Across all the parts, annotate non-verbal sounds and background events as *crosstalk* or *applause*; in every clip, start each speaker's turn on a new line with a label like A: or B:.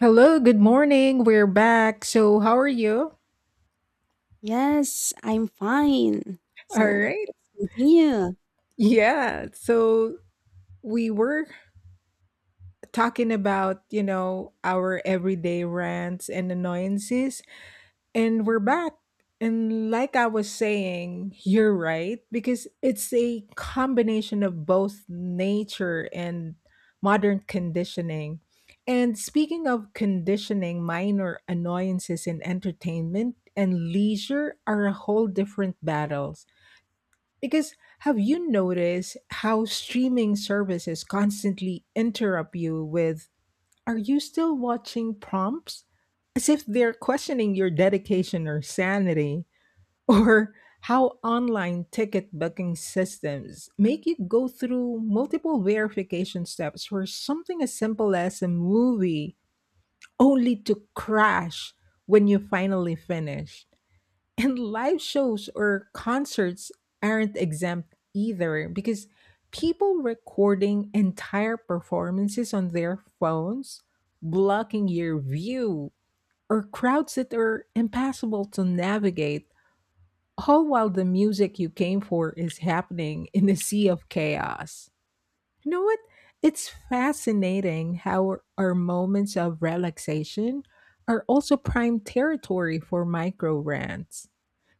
A: Hello, good morning. We're back. So, how are you?
B: Yes, I'm fine.
A: All
B: So
A: right.
B: let's continue.
A: Yeah. So, we were talking about, our everyday rants and annoyances. And we're back. And like I was saying, you're right, because it's a combination of both nature and modern conditioning. And speaking of conditioning, minor annoyances in entertainment and leisure are a whole different battles. Because have you noticed how streaming services constantly interrupt you with are you still watching prompts? As if they're questioning your dedication or sanity, *laughs* or how online ticket booking systems make you go through multiple verification steps for something as simple as a movie, only to crash when you finally finish. And live shows or concerts aren't exempt either because people recording entire performances on their phones, blocking your view, or crowds that are impassable to navigate, all while the music you came for is happening in a sea of chaos. You know what? It's fascinating how our moments of relaxation are also prime territory for micro rants.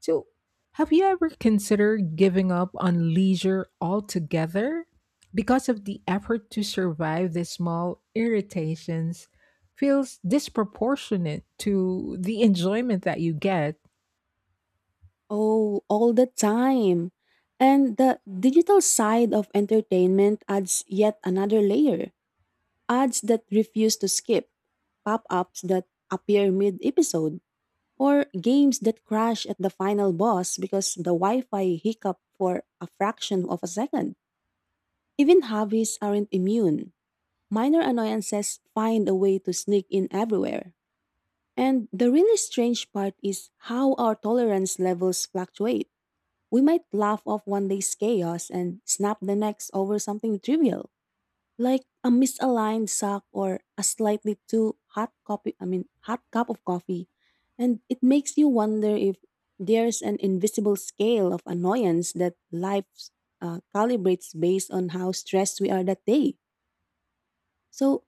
A: So, have you ever considered giving up on leisure altogether because of the effort to survive these small irritations feels disproportionate to the enjoyment that you get? *laughs*
B: Oh, all the time. And the digital side of entertainment adds yet another layer. Ads that refuse to skip, pop ups that appear mid episode, or games that crash at the final boss because the Wi Fi hiccup for a fraction of a second. Even hobbies aren't immune. Minor annoyances find a way to sneak in everywhere. And the really strange part is how our tolerance levels fluctuate. We might laugh off one day's chaos and snap the next over something trivial, like a misaligned sock or a slightly too hot cup of coffee. And it makes you wonder if there's an invisible scale of annoyance that life calibrates based on how stressed we are that day. So,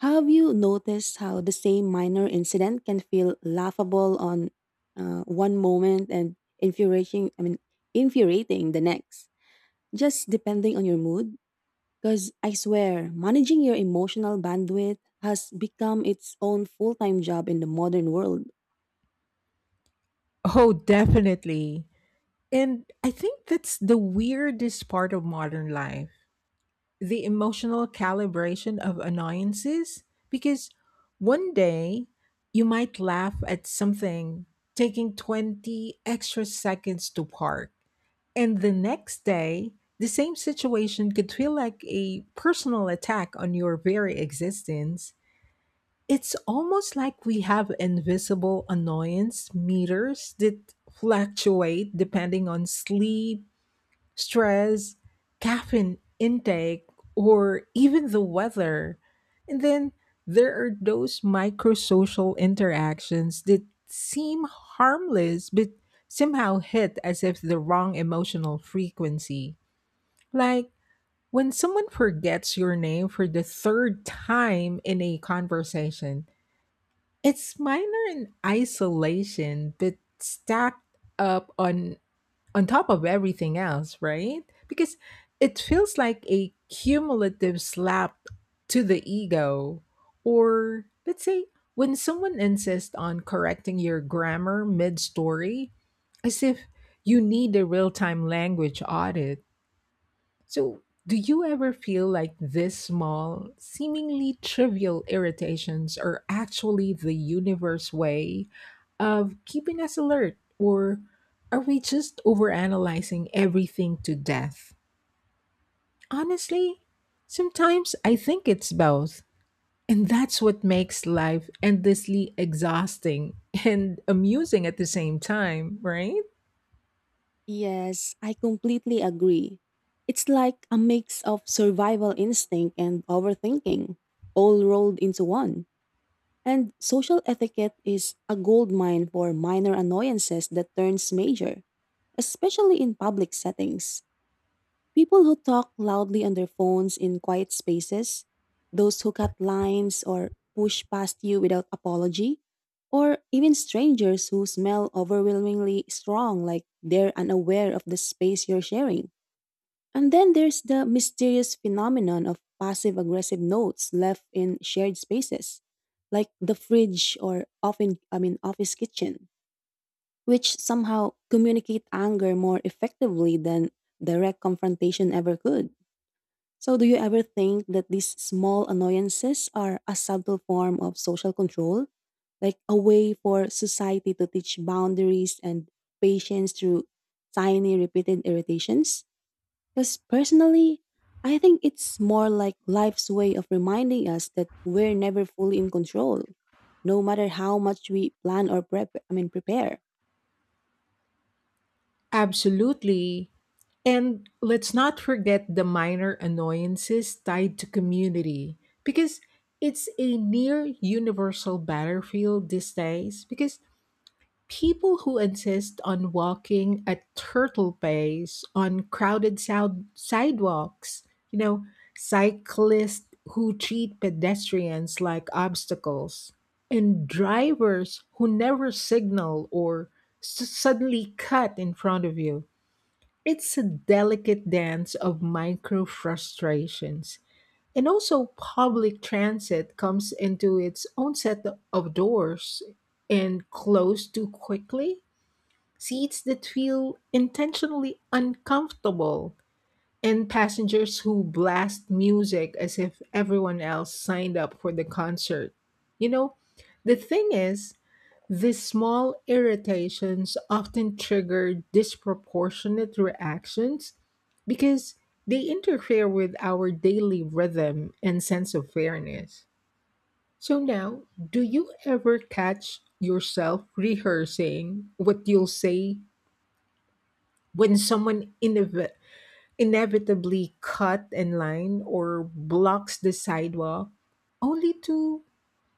B: have you noticed how the same minor incident can feel laughable on one moment and infuriating the next, just depending on your mood? Because I swear, managing your emotional bandwidth has become its own full time job in the modern world.
A: Oh, definitely. And I think that's the weirdest part of modern life, the emotional calibration of annoyances. Because one day you might laugh at something taking 20 extra seconds to park, and the next day the same situation could feel like a personal attack on your very existence. It's almost like we have invisible annoyance meters that fluctuate depending on sleep, stress, caffeine intake, or even the weather. And then there are those microsocial interactions that seem harmless but somehow hit as if the wrong emotional frequency. Like when someone forgets your name for the third time in a conversation, it's minor in isolation but stacked up on top of everything else, right? Because it feels like a cumulative slap to the ego. Or let's say, when someone insists on correcting your grammar mid story, as if you need a real time language audit. So, do you ever feel like these small, seemingly trivial irritations are actually the universe way of keeping us alert? Or are we just overanalyzing everything to death? Honestly, sometimes I think it's both. And that's what makes life endlessly exhausting *laughs* and amusing at the same time, right?
B: Yes, I completely agree. It's like a mix of survival instinct and overthinking, all rolled into one. And social etiquette is a goldmine for minor annoyances that turns major, especially in public settings. People who talk loudly on their phones in quiet spaces, those who cut lines or push past you without apology, or even strangers who smell overwhelmingly strong like they're unaware of the space you're sharing. And then there's the mysterious phenomenon of passive aggressive notes left in shared spaces, like the fridge or often I mean office kitchen, which somehow communicate anger more effectively than direct confrontation ever could. So do you ever think that these small annoyances are a subtle form of social control? Like a way for society to teach boundaries and patience through tiny repeated irritations? Because personally, I think it's more like life's way of reminding us that we're never fully in control, no matter how much we plan or prepare.
A: Absolutely. And let's not forget the minor annoyances tied to community, because it's a near universal battlefield these days. Because people who insist on walking at turtle pace on crowded sidewalks, cyclists who treat pedestrians like obstacles, and drivers who never signal or suddenly cut in front of you, it's a delicate dance of micro frustrations. And also, public transit comes into its own set of doors and close too quickly, seats that feel intentionally uncomfortable, and passengers who blast music as if everyone else signed up for the concert. You know, the thing is, these small irritations often trigger disproportionate reactions because they interfere with our daily rhythm and sense of fairness. So, now, do you ever catch yourself rehearsing what you'll say when someone inevitably cut in line or blocks the sidewalk, only to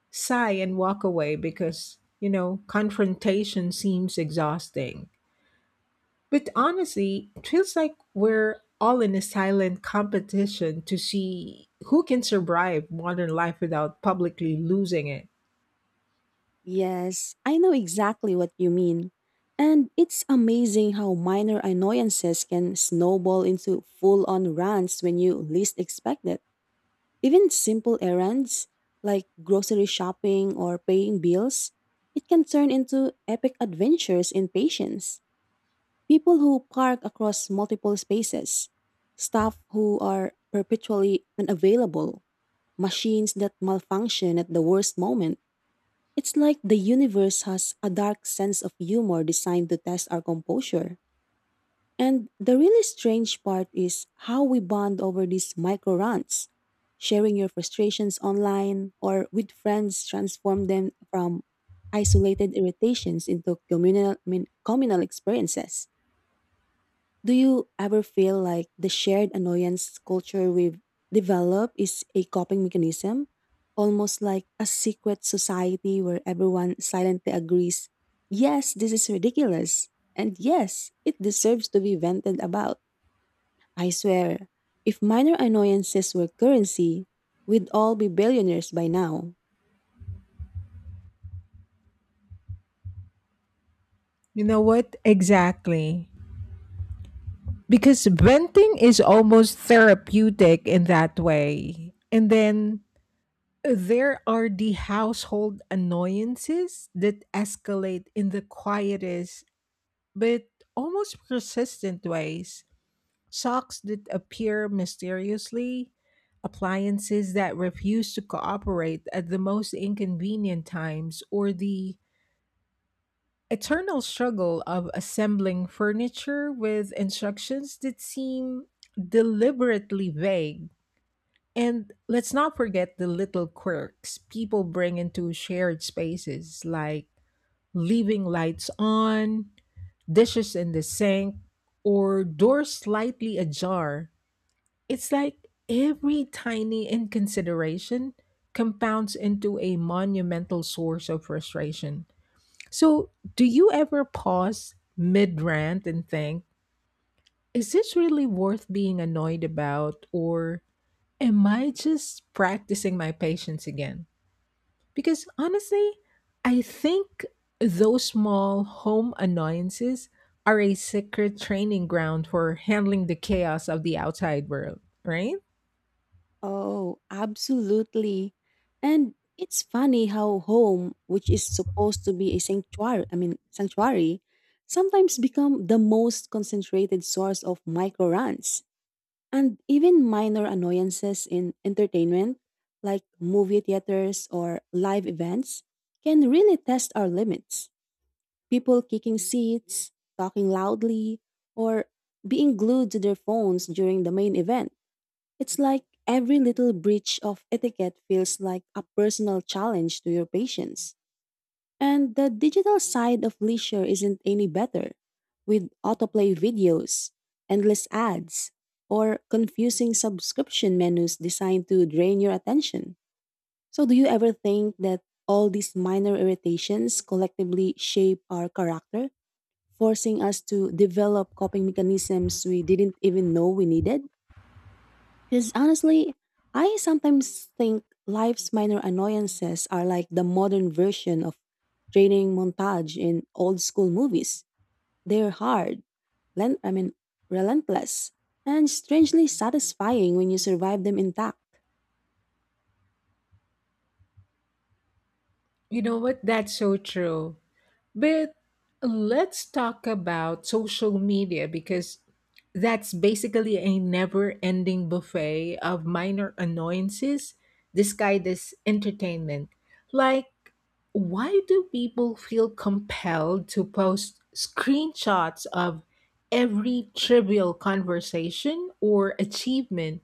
A: sigh and walk away because you know confrontation seems exhausting? But honestly, it feels like we're all in a silent competition to see who can survive modern life without publicly losing it.
B: Yes, I know exactly what you mean. And it's amazing how minor annoyances can snowball into full on rants when you least expect it. Even simple errands like grocery shopping or paying bills, it can turn into epic adventures in patience. People who park across multiple spaces, staff who are perpetually unavailable, machines that malfunction at the worst moment. It's like the universe has a dark sense of humor designed to test our composure. And the really strange part is how we bond over these micro rants. Sharing your frustrations online or with friends transform them from isolated irritations into communal experiences. Do you ever feel like the shared annoyance culture we've developed is a coping mechanism? Almost like a secret society where everyone silently agrees, yes, this is ridiculous, and yes, it deserves to be vented about. I swear, if minor annoyances were currency, we'd all be billionaires by now.
A: You know what? Exactly. Because venting is almost therapeutic in that way. And then there are the household annoyances that escalate in the quietest but almost persistent ways. Socks that appear mysteriously, appliances that refuse to cooperate at the most inconvenient times, or the eternal struggle of assembling furniture with instructions that seem deliberately vague. And let's not forget the little quirks people bring into shared spaces, like leaving lights on, dishes in the sink, or doors slightly ajar. It's like every tiny inconsideration compounds into a monumental source of frustration. So, do you ever pause mid rant and think, is this really worth being annoyed about? Or am I just practicing my patience again? Because honestly, I think those small home annoyances are a secret training ground for handling the chaos of the outside world, right?
B: Oh, absolutely. And it's funny how home, which is supposed to be a sanctuary, sometimes become the most concentrated source of micro runs and even minor annoyances in entertainment, like movie theaters or live events, can really test our limits. People kicking seats, talking loudly, or being glued to their phones during the main event it's like every little breach of etiquette feels like a personal challenge to your patients. And the digital side of leisure isn't any better, with autoplay videos, endless ads, or confusing subscription menus designed to drain your attention. So, do you ever think that all these minor irritations collectively shape our character, forcing us to develop coping mechanisms we didn't even know we needed? Because honestly, I sometimes think life's minor annoyances are like the modern version of training montage in old school movies. They're hard, len- I mean, relentless, and strangely satisfying when you survive them intact.
A: You know what? That's so true. But let's talk about social media because that's basically a never ending buffet of minor annoyances disguised as entertainment. Like, why do people feel compelled to post screenshots of every trivial conversation or achievement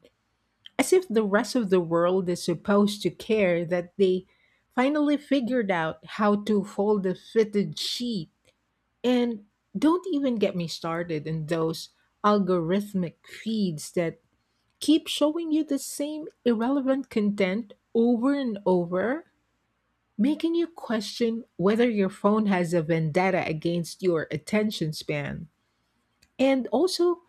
A: as if the rest of the world is supposed to care that they finally figured out how to fold a fitted sheet? And don't even get me started in those algorithmic feeds that keep showing you the same irrelevant content over and over, making you question whether your phone has a vendetta against your attention span. And also,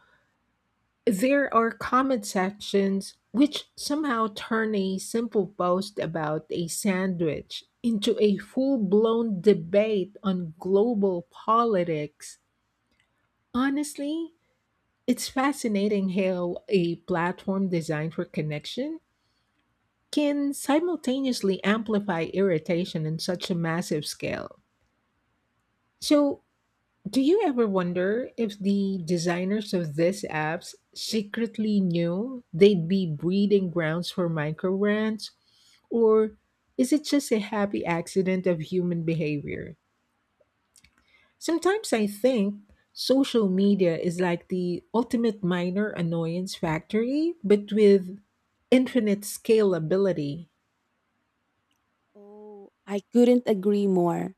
A: there are comment sections which somehow turn a simple post about a sandwich into a full blown debate on global politics. Honestly, it's fascinating how a platform designed for connection can simultaneously amplify irritation in such a massive scale. So, do you ever wonder if the designers of these apps secretly knew they'd be breeding grounds for microbrands? Or is it just a happy accident of human behavior? Sometimes I think social media is like the ultimate minor annoyance factory, but with infinite scalability. *laughs*
B: Oh, I couldn't agree more.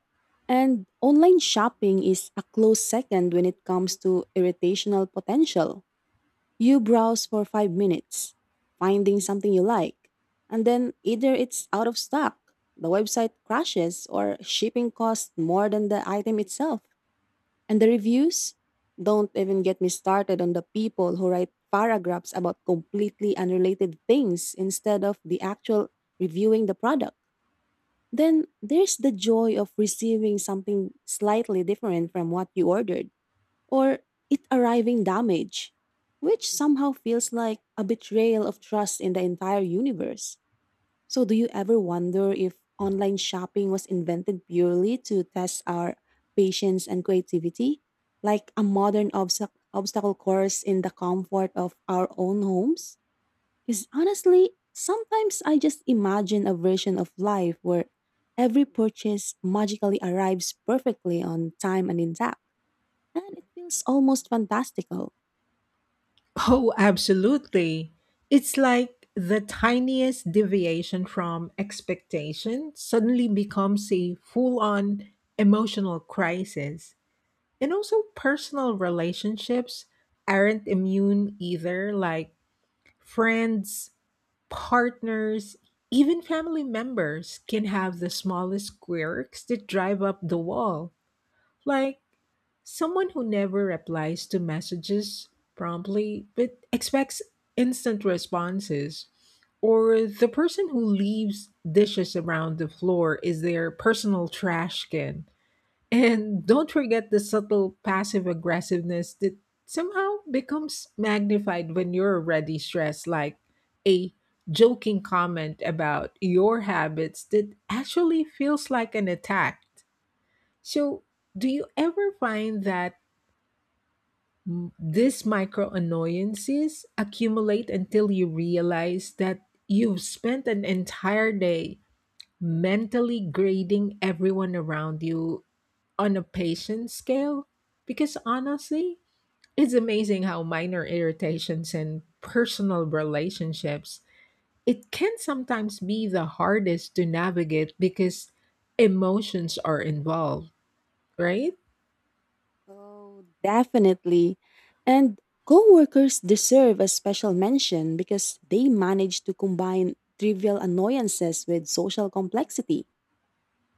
B: And online shopping is a close second when it comes to irritational potential. You browse for 5 minutes, finding something you like, and then either it's out of stock, the website crashes, or shipping costs more than the item itself. And the reviews? Don't even get me started on the people who write paragraphs about completely unrelated things instead of the actual reviewing the product. Then there's the joy of receiving something slightly different from what you ordered or it arriving damaged, which somehow feels like a betrayal of trust in the entire universe. So, do you ever wonder if online shopping was invented purely to test our patience and creativity, like a modern obstacle course in the comfort of our own homes? Because honestly, sometimes I just imagine a version of life where every purchase magically arrives perfectly on time and intact and it feels almost fantastical.
A: Oh, absolutely. It's like the tiniest deviation from expectation suddenly becomes a full on emotional crisis. And also, personal relationships aren't immune either. Like, friends, partners, even family members can have the smallest quirks that drive up the wall. Like someone who never replies to messages promptly but expects instant responses. Or the person who leaves dishes around the floor is their personal trash can. And don't forget the subtle passive aggressiveness that somehow becomes magnified when you're already stressed, like a joking comment about your habits that actually feels like an attack. So, do you ever find that these micro annoyances accumulate until you realize that you've spent an entire day mentally grading everyone around you on a patient scale? Because honestly, it's amazing how minor irritations and personal relationships, it can sometimes be the hardest to navigate because emotions are involved, right?
B: Oh, definitely. And coworkers deserve a special mention because they manage to combine trivial annoyances with social complexity.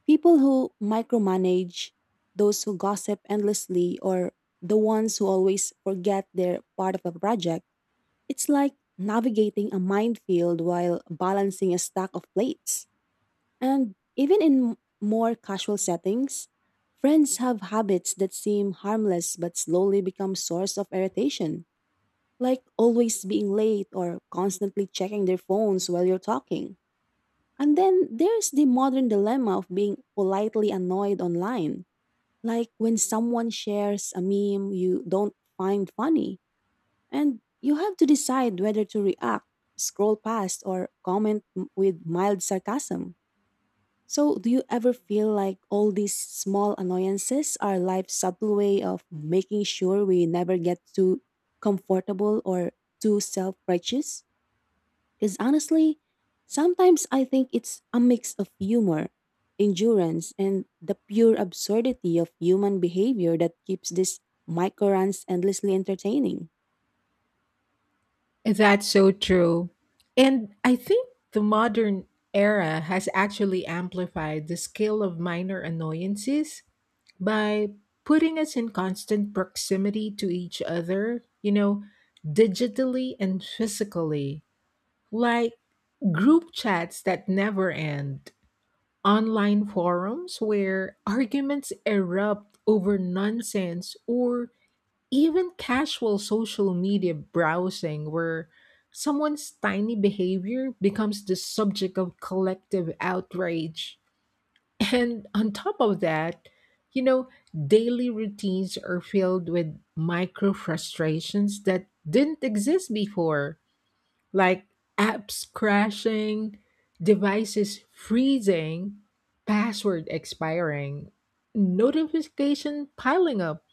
B: People who micromanage, those who gossip endlessly, or the ones who always forget they're part of a project. It's like navigating a minefield while balancing a stack of plates. And even in more casual settings, friends have habits that seem harmless but slowly become source of irritation, like always being late or constantly checking their phones while you're talking. And then there's the modern dilemma of being politely annoyed online, like when someone shares a meme you don't find funny, and you have to decide whether to react, scroll past, or comment with mild sarcasm. So, do you ever feel like all these small annoyances are life's subtle way of making sure we never get too comfortable or too self righteous? Because honestly, sometimes I think it's a mix of humor, endurance, and the pure absurdity of human behavior that keeps these micro runs endlessly entertaining.
A: That's so true. And I think the modern era has actually amplified the scale of minor annoyances by putting us in constant proximity to each other, digitally and physically, like group chats that never end, online forums where arguments erupt over nonsense, or even casual social media browsing where someone's tiny behavior becomes the subject of collective outrage. And on top of that, you know, daily routines are filled with micro frustrations that didn't exist before, like apps crashing, devices freezing, password expiring, notification piling up.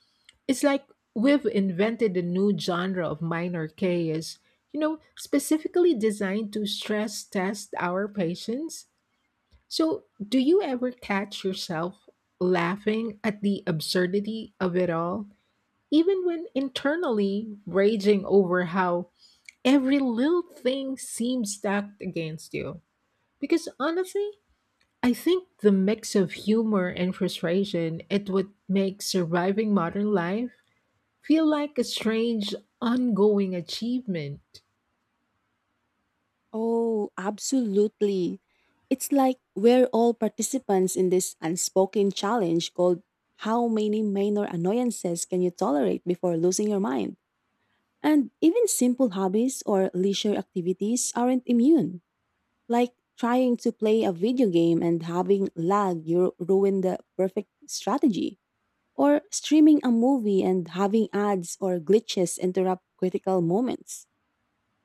A: It's like we've invented a new genre of minor chaos, specifically designed to stress test our patience. So, do you ever catch yourself laughing at the absurdity of it all, even when internally raging over how every little thing seems stacked against you? Because honestly, I think the mix of humor and frustration is what makes surviving modern life feel like a strange ongoing achievement.
B: Oh, absolutely. It's like we're all participants in this unspoken challenge called how many minor annoyances can you tolerate before losing your mind? And even simple hobbies or leisure activities aren't immune. Like trying to play a video game and having lag, you ruin the perfect strategy. Or streaming a movie and having ads or glitches interrupt critical moments.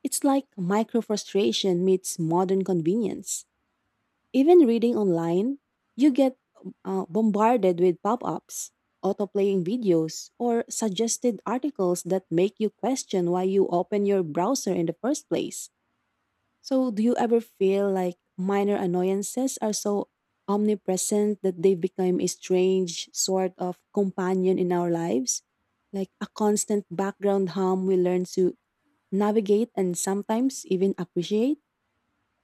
B: It's like micro frustration meets modern convenience. Even reading online, you get bombarded with pop ups, auto-playing videos, or suggested articles that make you question why you open your browser in the first place. So, do you ever feel like minor annoyances are so omnipresent that they become a strange sort of companion in our lives? Like a constant background hum we learn to navigate, and sometimes even appreciate.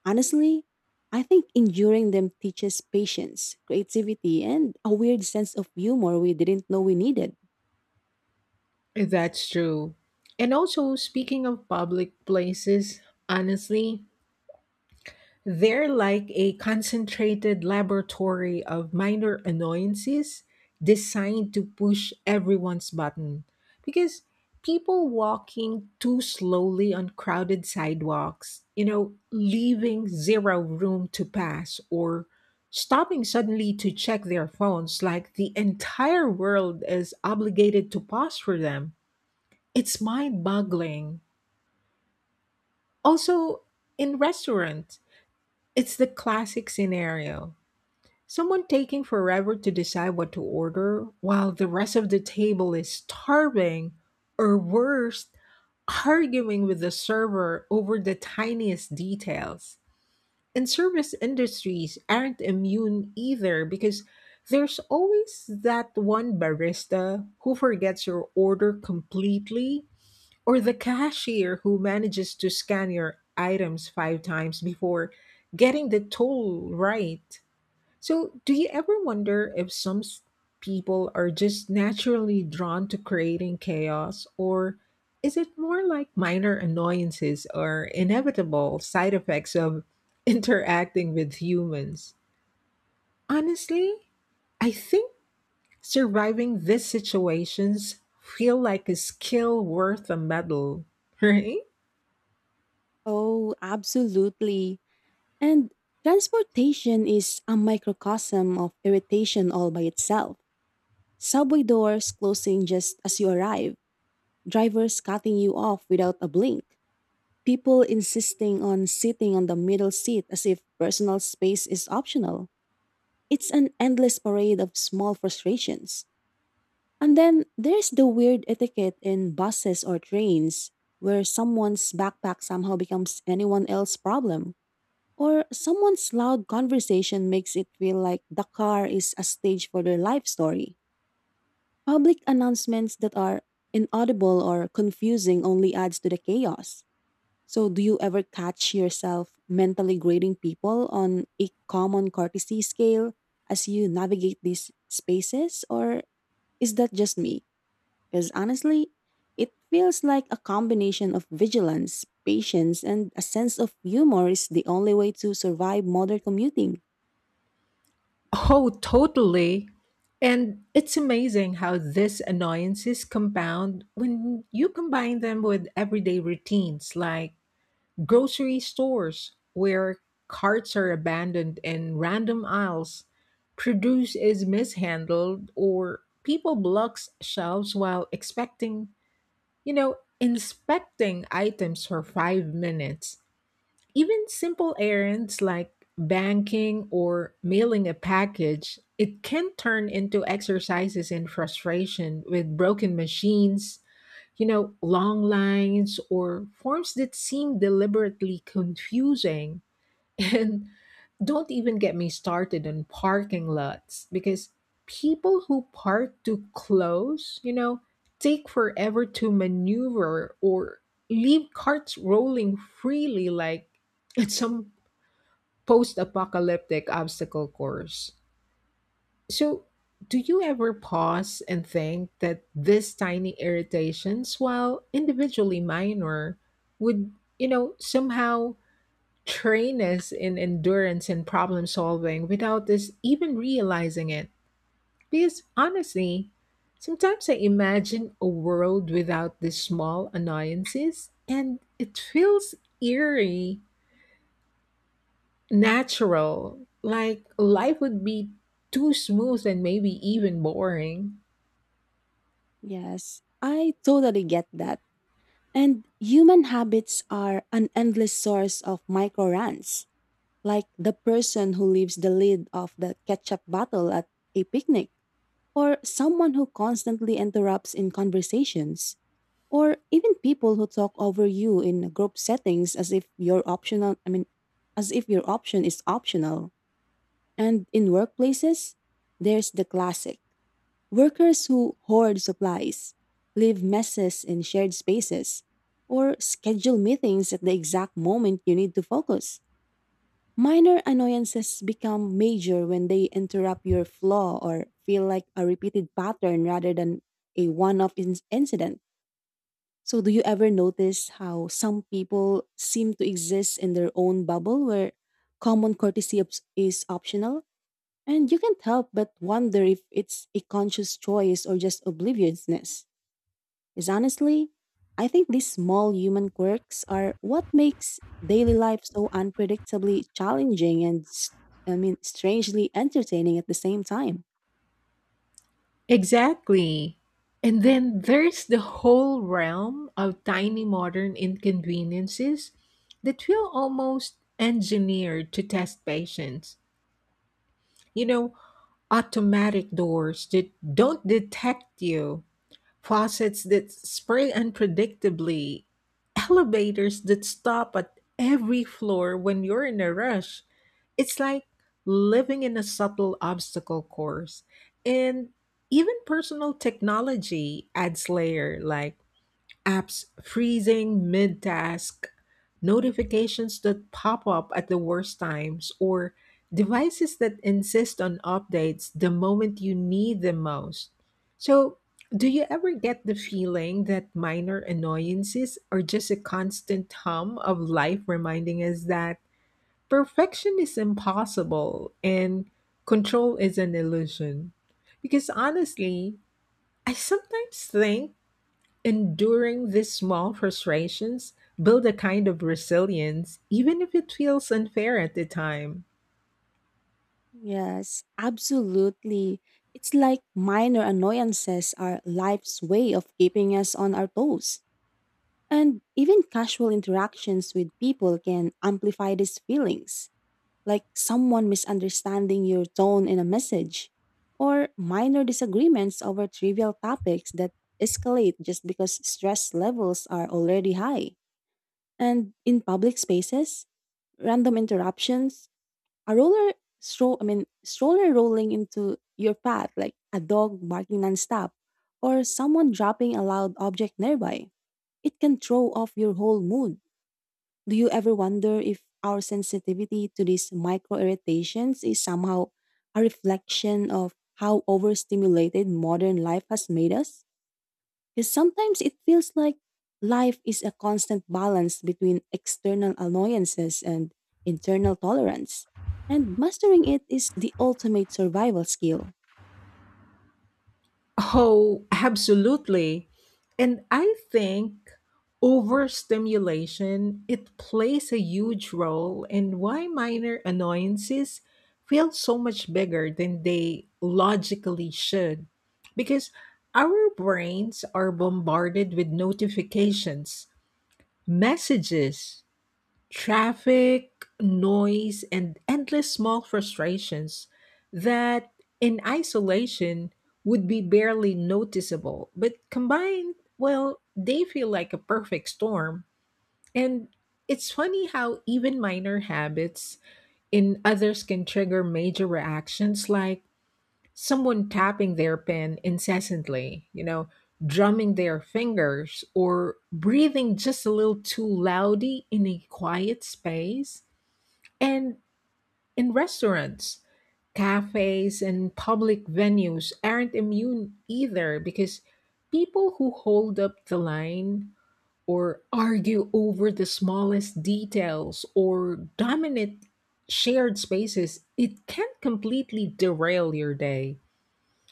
B: Honestly, I think enduring them teaches patience, creativity, and a weird sense of humor we didn't know we needed.
A: That's true. And also, speaking of public places, honestly, they're like a concentrated laboratory of minor annoyances designed to push everyone's button. Because people walking too slowly on crowded sidewalks, leaving zero room to pass, or stopping suddenly to check their phones like the entire world is obligated to pause for them. It's mind boggling. Also, in restaurants, it's the classic scenario. Someone taking forever to decide what to order while the rest of the table is starving, or worse, arguing with the server over the tiniest details. And service industries aren't immune either because there's always that one barista who forgets your order completely, or the cashier who manages to scan your items five times before getting the total right. So, do you ever wonder if some people are just naturally drawn to creating chaos, or is it more like minor annoyances or inevitable side effects of *laughs* interacting with humans? Honestly, I think surviving these situations feel like a skill worth a medal, *laughs* right?
B: Oh, absolutely. And transportation is a microcosm of irritation all by itself. Subway doors closing just as you arrive, drivers cutting you off without a blink, people insisting on sitting on the middle seat as if personal space is optional. It's an endless parade of small frustrations. And then there's the weird etiquette in buses or trains where someone's backpack somehow becomes anyone else's problem. Or someone's loud conversation makes it feel like the car is a stage for their life story. Public announcements that are inaudible or confusing only adds to the chaos. So, do you ever catch yourself mentally grading people on a common courtesy scale as you navigate these spaces, or is that just me? Because honestly, it feels like a combination of vigilance, patience, and a sense of humor is the only way to survive modern commuting.
A: Oh, totally. And it's amazing how these annoyances compound when you combine them with everyday routines like grocery stores, where carts are abandoned in random aisles, produce is mishandled, or people blocks shelves while expecting, inspecting items for 5 minutes. Even simple errands like banking or mailing a package, it can turn into exercises in frustration with broken machines, long lines or forms that seem deliberately confusing. *laughs* And don't even get me started on parking lots because people who park too close, take forever to maneuver or leave carts rolling freely like *laughs* it's some post apocalyptic obstacle course. So, do you ever pause and think that these tiny irritations, while individually minor, would, somehow train us in endurance and problem solving without us even realizing it? Because honestly, sometimes I imagine a world without these small annoyances and it feels eerie natural. Like life would be too smooth and maybe even boring.
B: Yes, I totally get that. And human habits are an endless source of micro rants like the person who leaves the lid of the ketchup bottle at a picnic, or someone who constantly interrupts in conversations, or even people who talk over you in group settings as if your option is optional. And in workplaces, there's the classic workers who hoard supplies, leave messes in shared spaces, or schedule meetings at the exact moment you need to focus. Minor annoyances become major when they interrupt your flow or feel like a repeated pattern rather than a one off incident. So, do you ever notice how some people seem to exist in their own bubble where common courtesy is optional? And you can't help but wonder if it's a conscious choice or just obliviousness is honestly, I think these small human quirks are what makes daily life so unpredictably challenging and, strangely entertaining at the same time.
A: Exactly. And then there's the whole realm of tiny modern inconveniences that feel almost engineered to test patience. You know, Automatic doors that don't detect you, faucets that spray unpredictably, elevators that stop at every floor when you're in a rush. It's like living in a subtle obstacle course. And even personal technology adds layer like apps freezing mid task, notifications that pop up at the worst times, or devices that insist on updates the moment you need them most. So, do you ever get the feeling that minor annoyances are just a constant hum of life reminding us that perfection is impossible and control is an illusion? Because honestly, I sometimes think enduring these small frustrations build a kind of resilience, even if it feels unfair at the time.
B: Yes, absolutely. It's like minor annoyances are life's way of keeping us on our toes. And even casual interactions with people can amplify these feelings. Like someone misunderstanding your tone in a message, or minor disagreements over trivial topics that escalate just because stress levels are already high. And in public spaces, random interruptions, a roller stroller rolling into your path, like a dog barking nonstop, or someone dropping a loud object nearby. It can throw off your whole mood. Do you ever wonder if our sensitivity to these micro irritations is somehow a reflection of how overstimulated modern life has made us? Because sometimes it feels like life is a constant balance between external annoyances and internal tolerance. And mastering it is the ultimate survival skill.
A: Oh, absolutely. And I think overstimulation it plays a huge role in why minor annoyances feel so much bigger than they logically should. Because our brains are bombarded with notifications, messages, traffic, noise, and endless small frustrations that in isolation would be barely noticeable. But combined, well, they feel like a perfect storm. And it's funny how even minor habits in others can trigger major reactions, like someone tapping their pen incessantly, drumming their fingers, or breathing just a little too loudly in a quiet space. And in restaurants, cafes, and public venues aren't immune either because people who hold up the line or argue over the smallest details or dominate shared spaces, it can completely derail your day.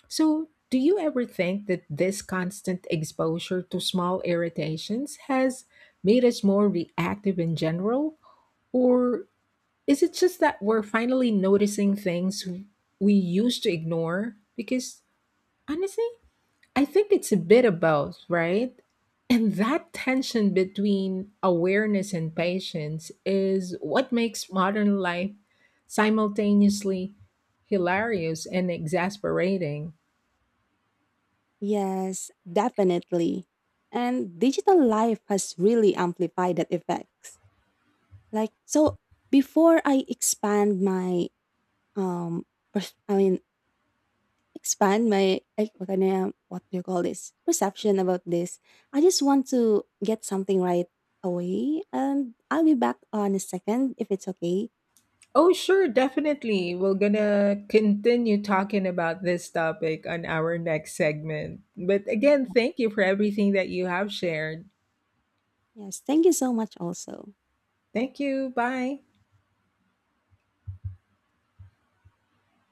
A: So, do you ever think that this constant exposure to small irritations has made us more reactive in general? Or is it just that we're finally noticing things we used to ignore? Because honestly, I think it's a bit of both, right? And that tension between awareness and patience is what makes modern life simultaneously hilarious and exasperating.
B: Yes, definitely. And digital life has really amplified that effect. Like so before I expand my um pers- I mean expand my like what do you call this perception about this I just want to get something right away and I'll be back on a second if it's okay.
A: Oh, sure, definitely. We're gonna continue talking about this topic on our next segment. But again, thank you for everything that you have shared.
B: Yes, thank you so much also.
A: Thank you. Bye.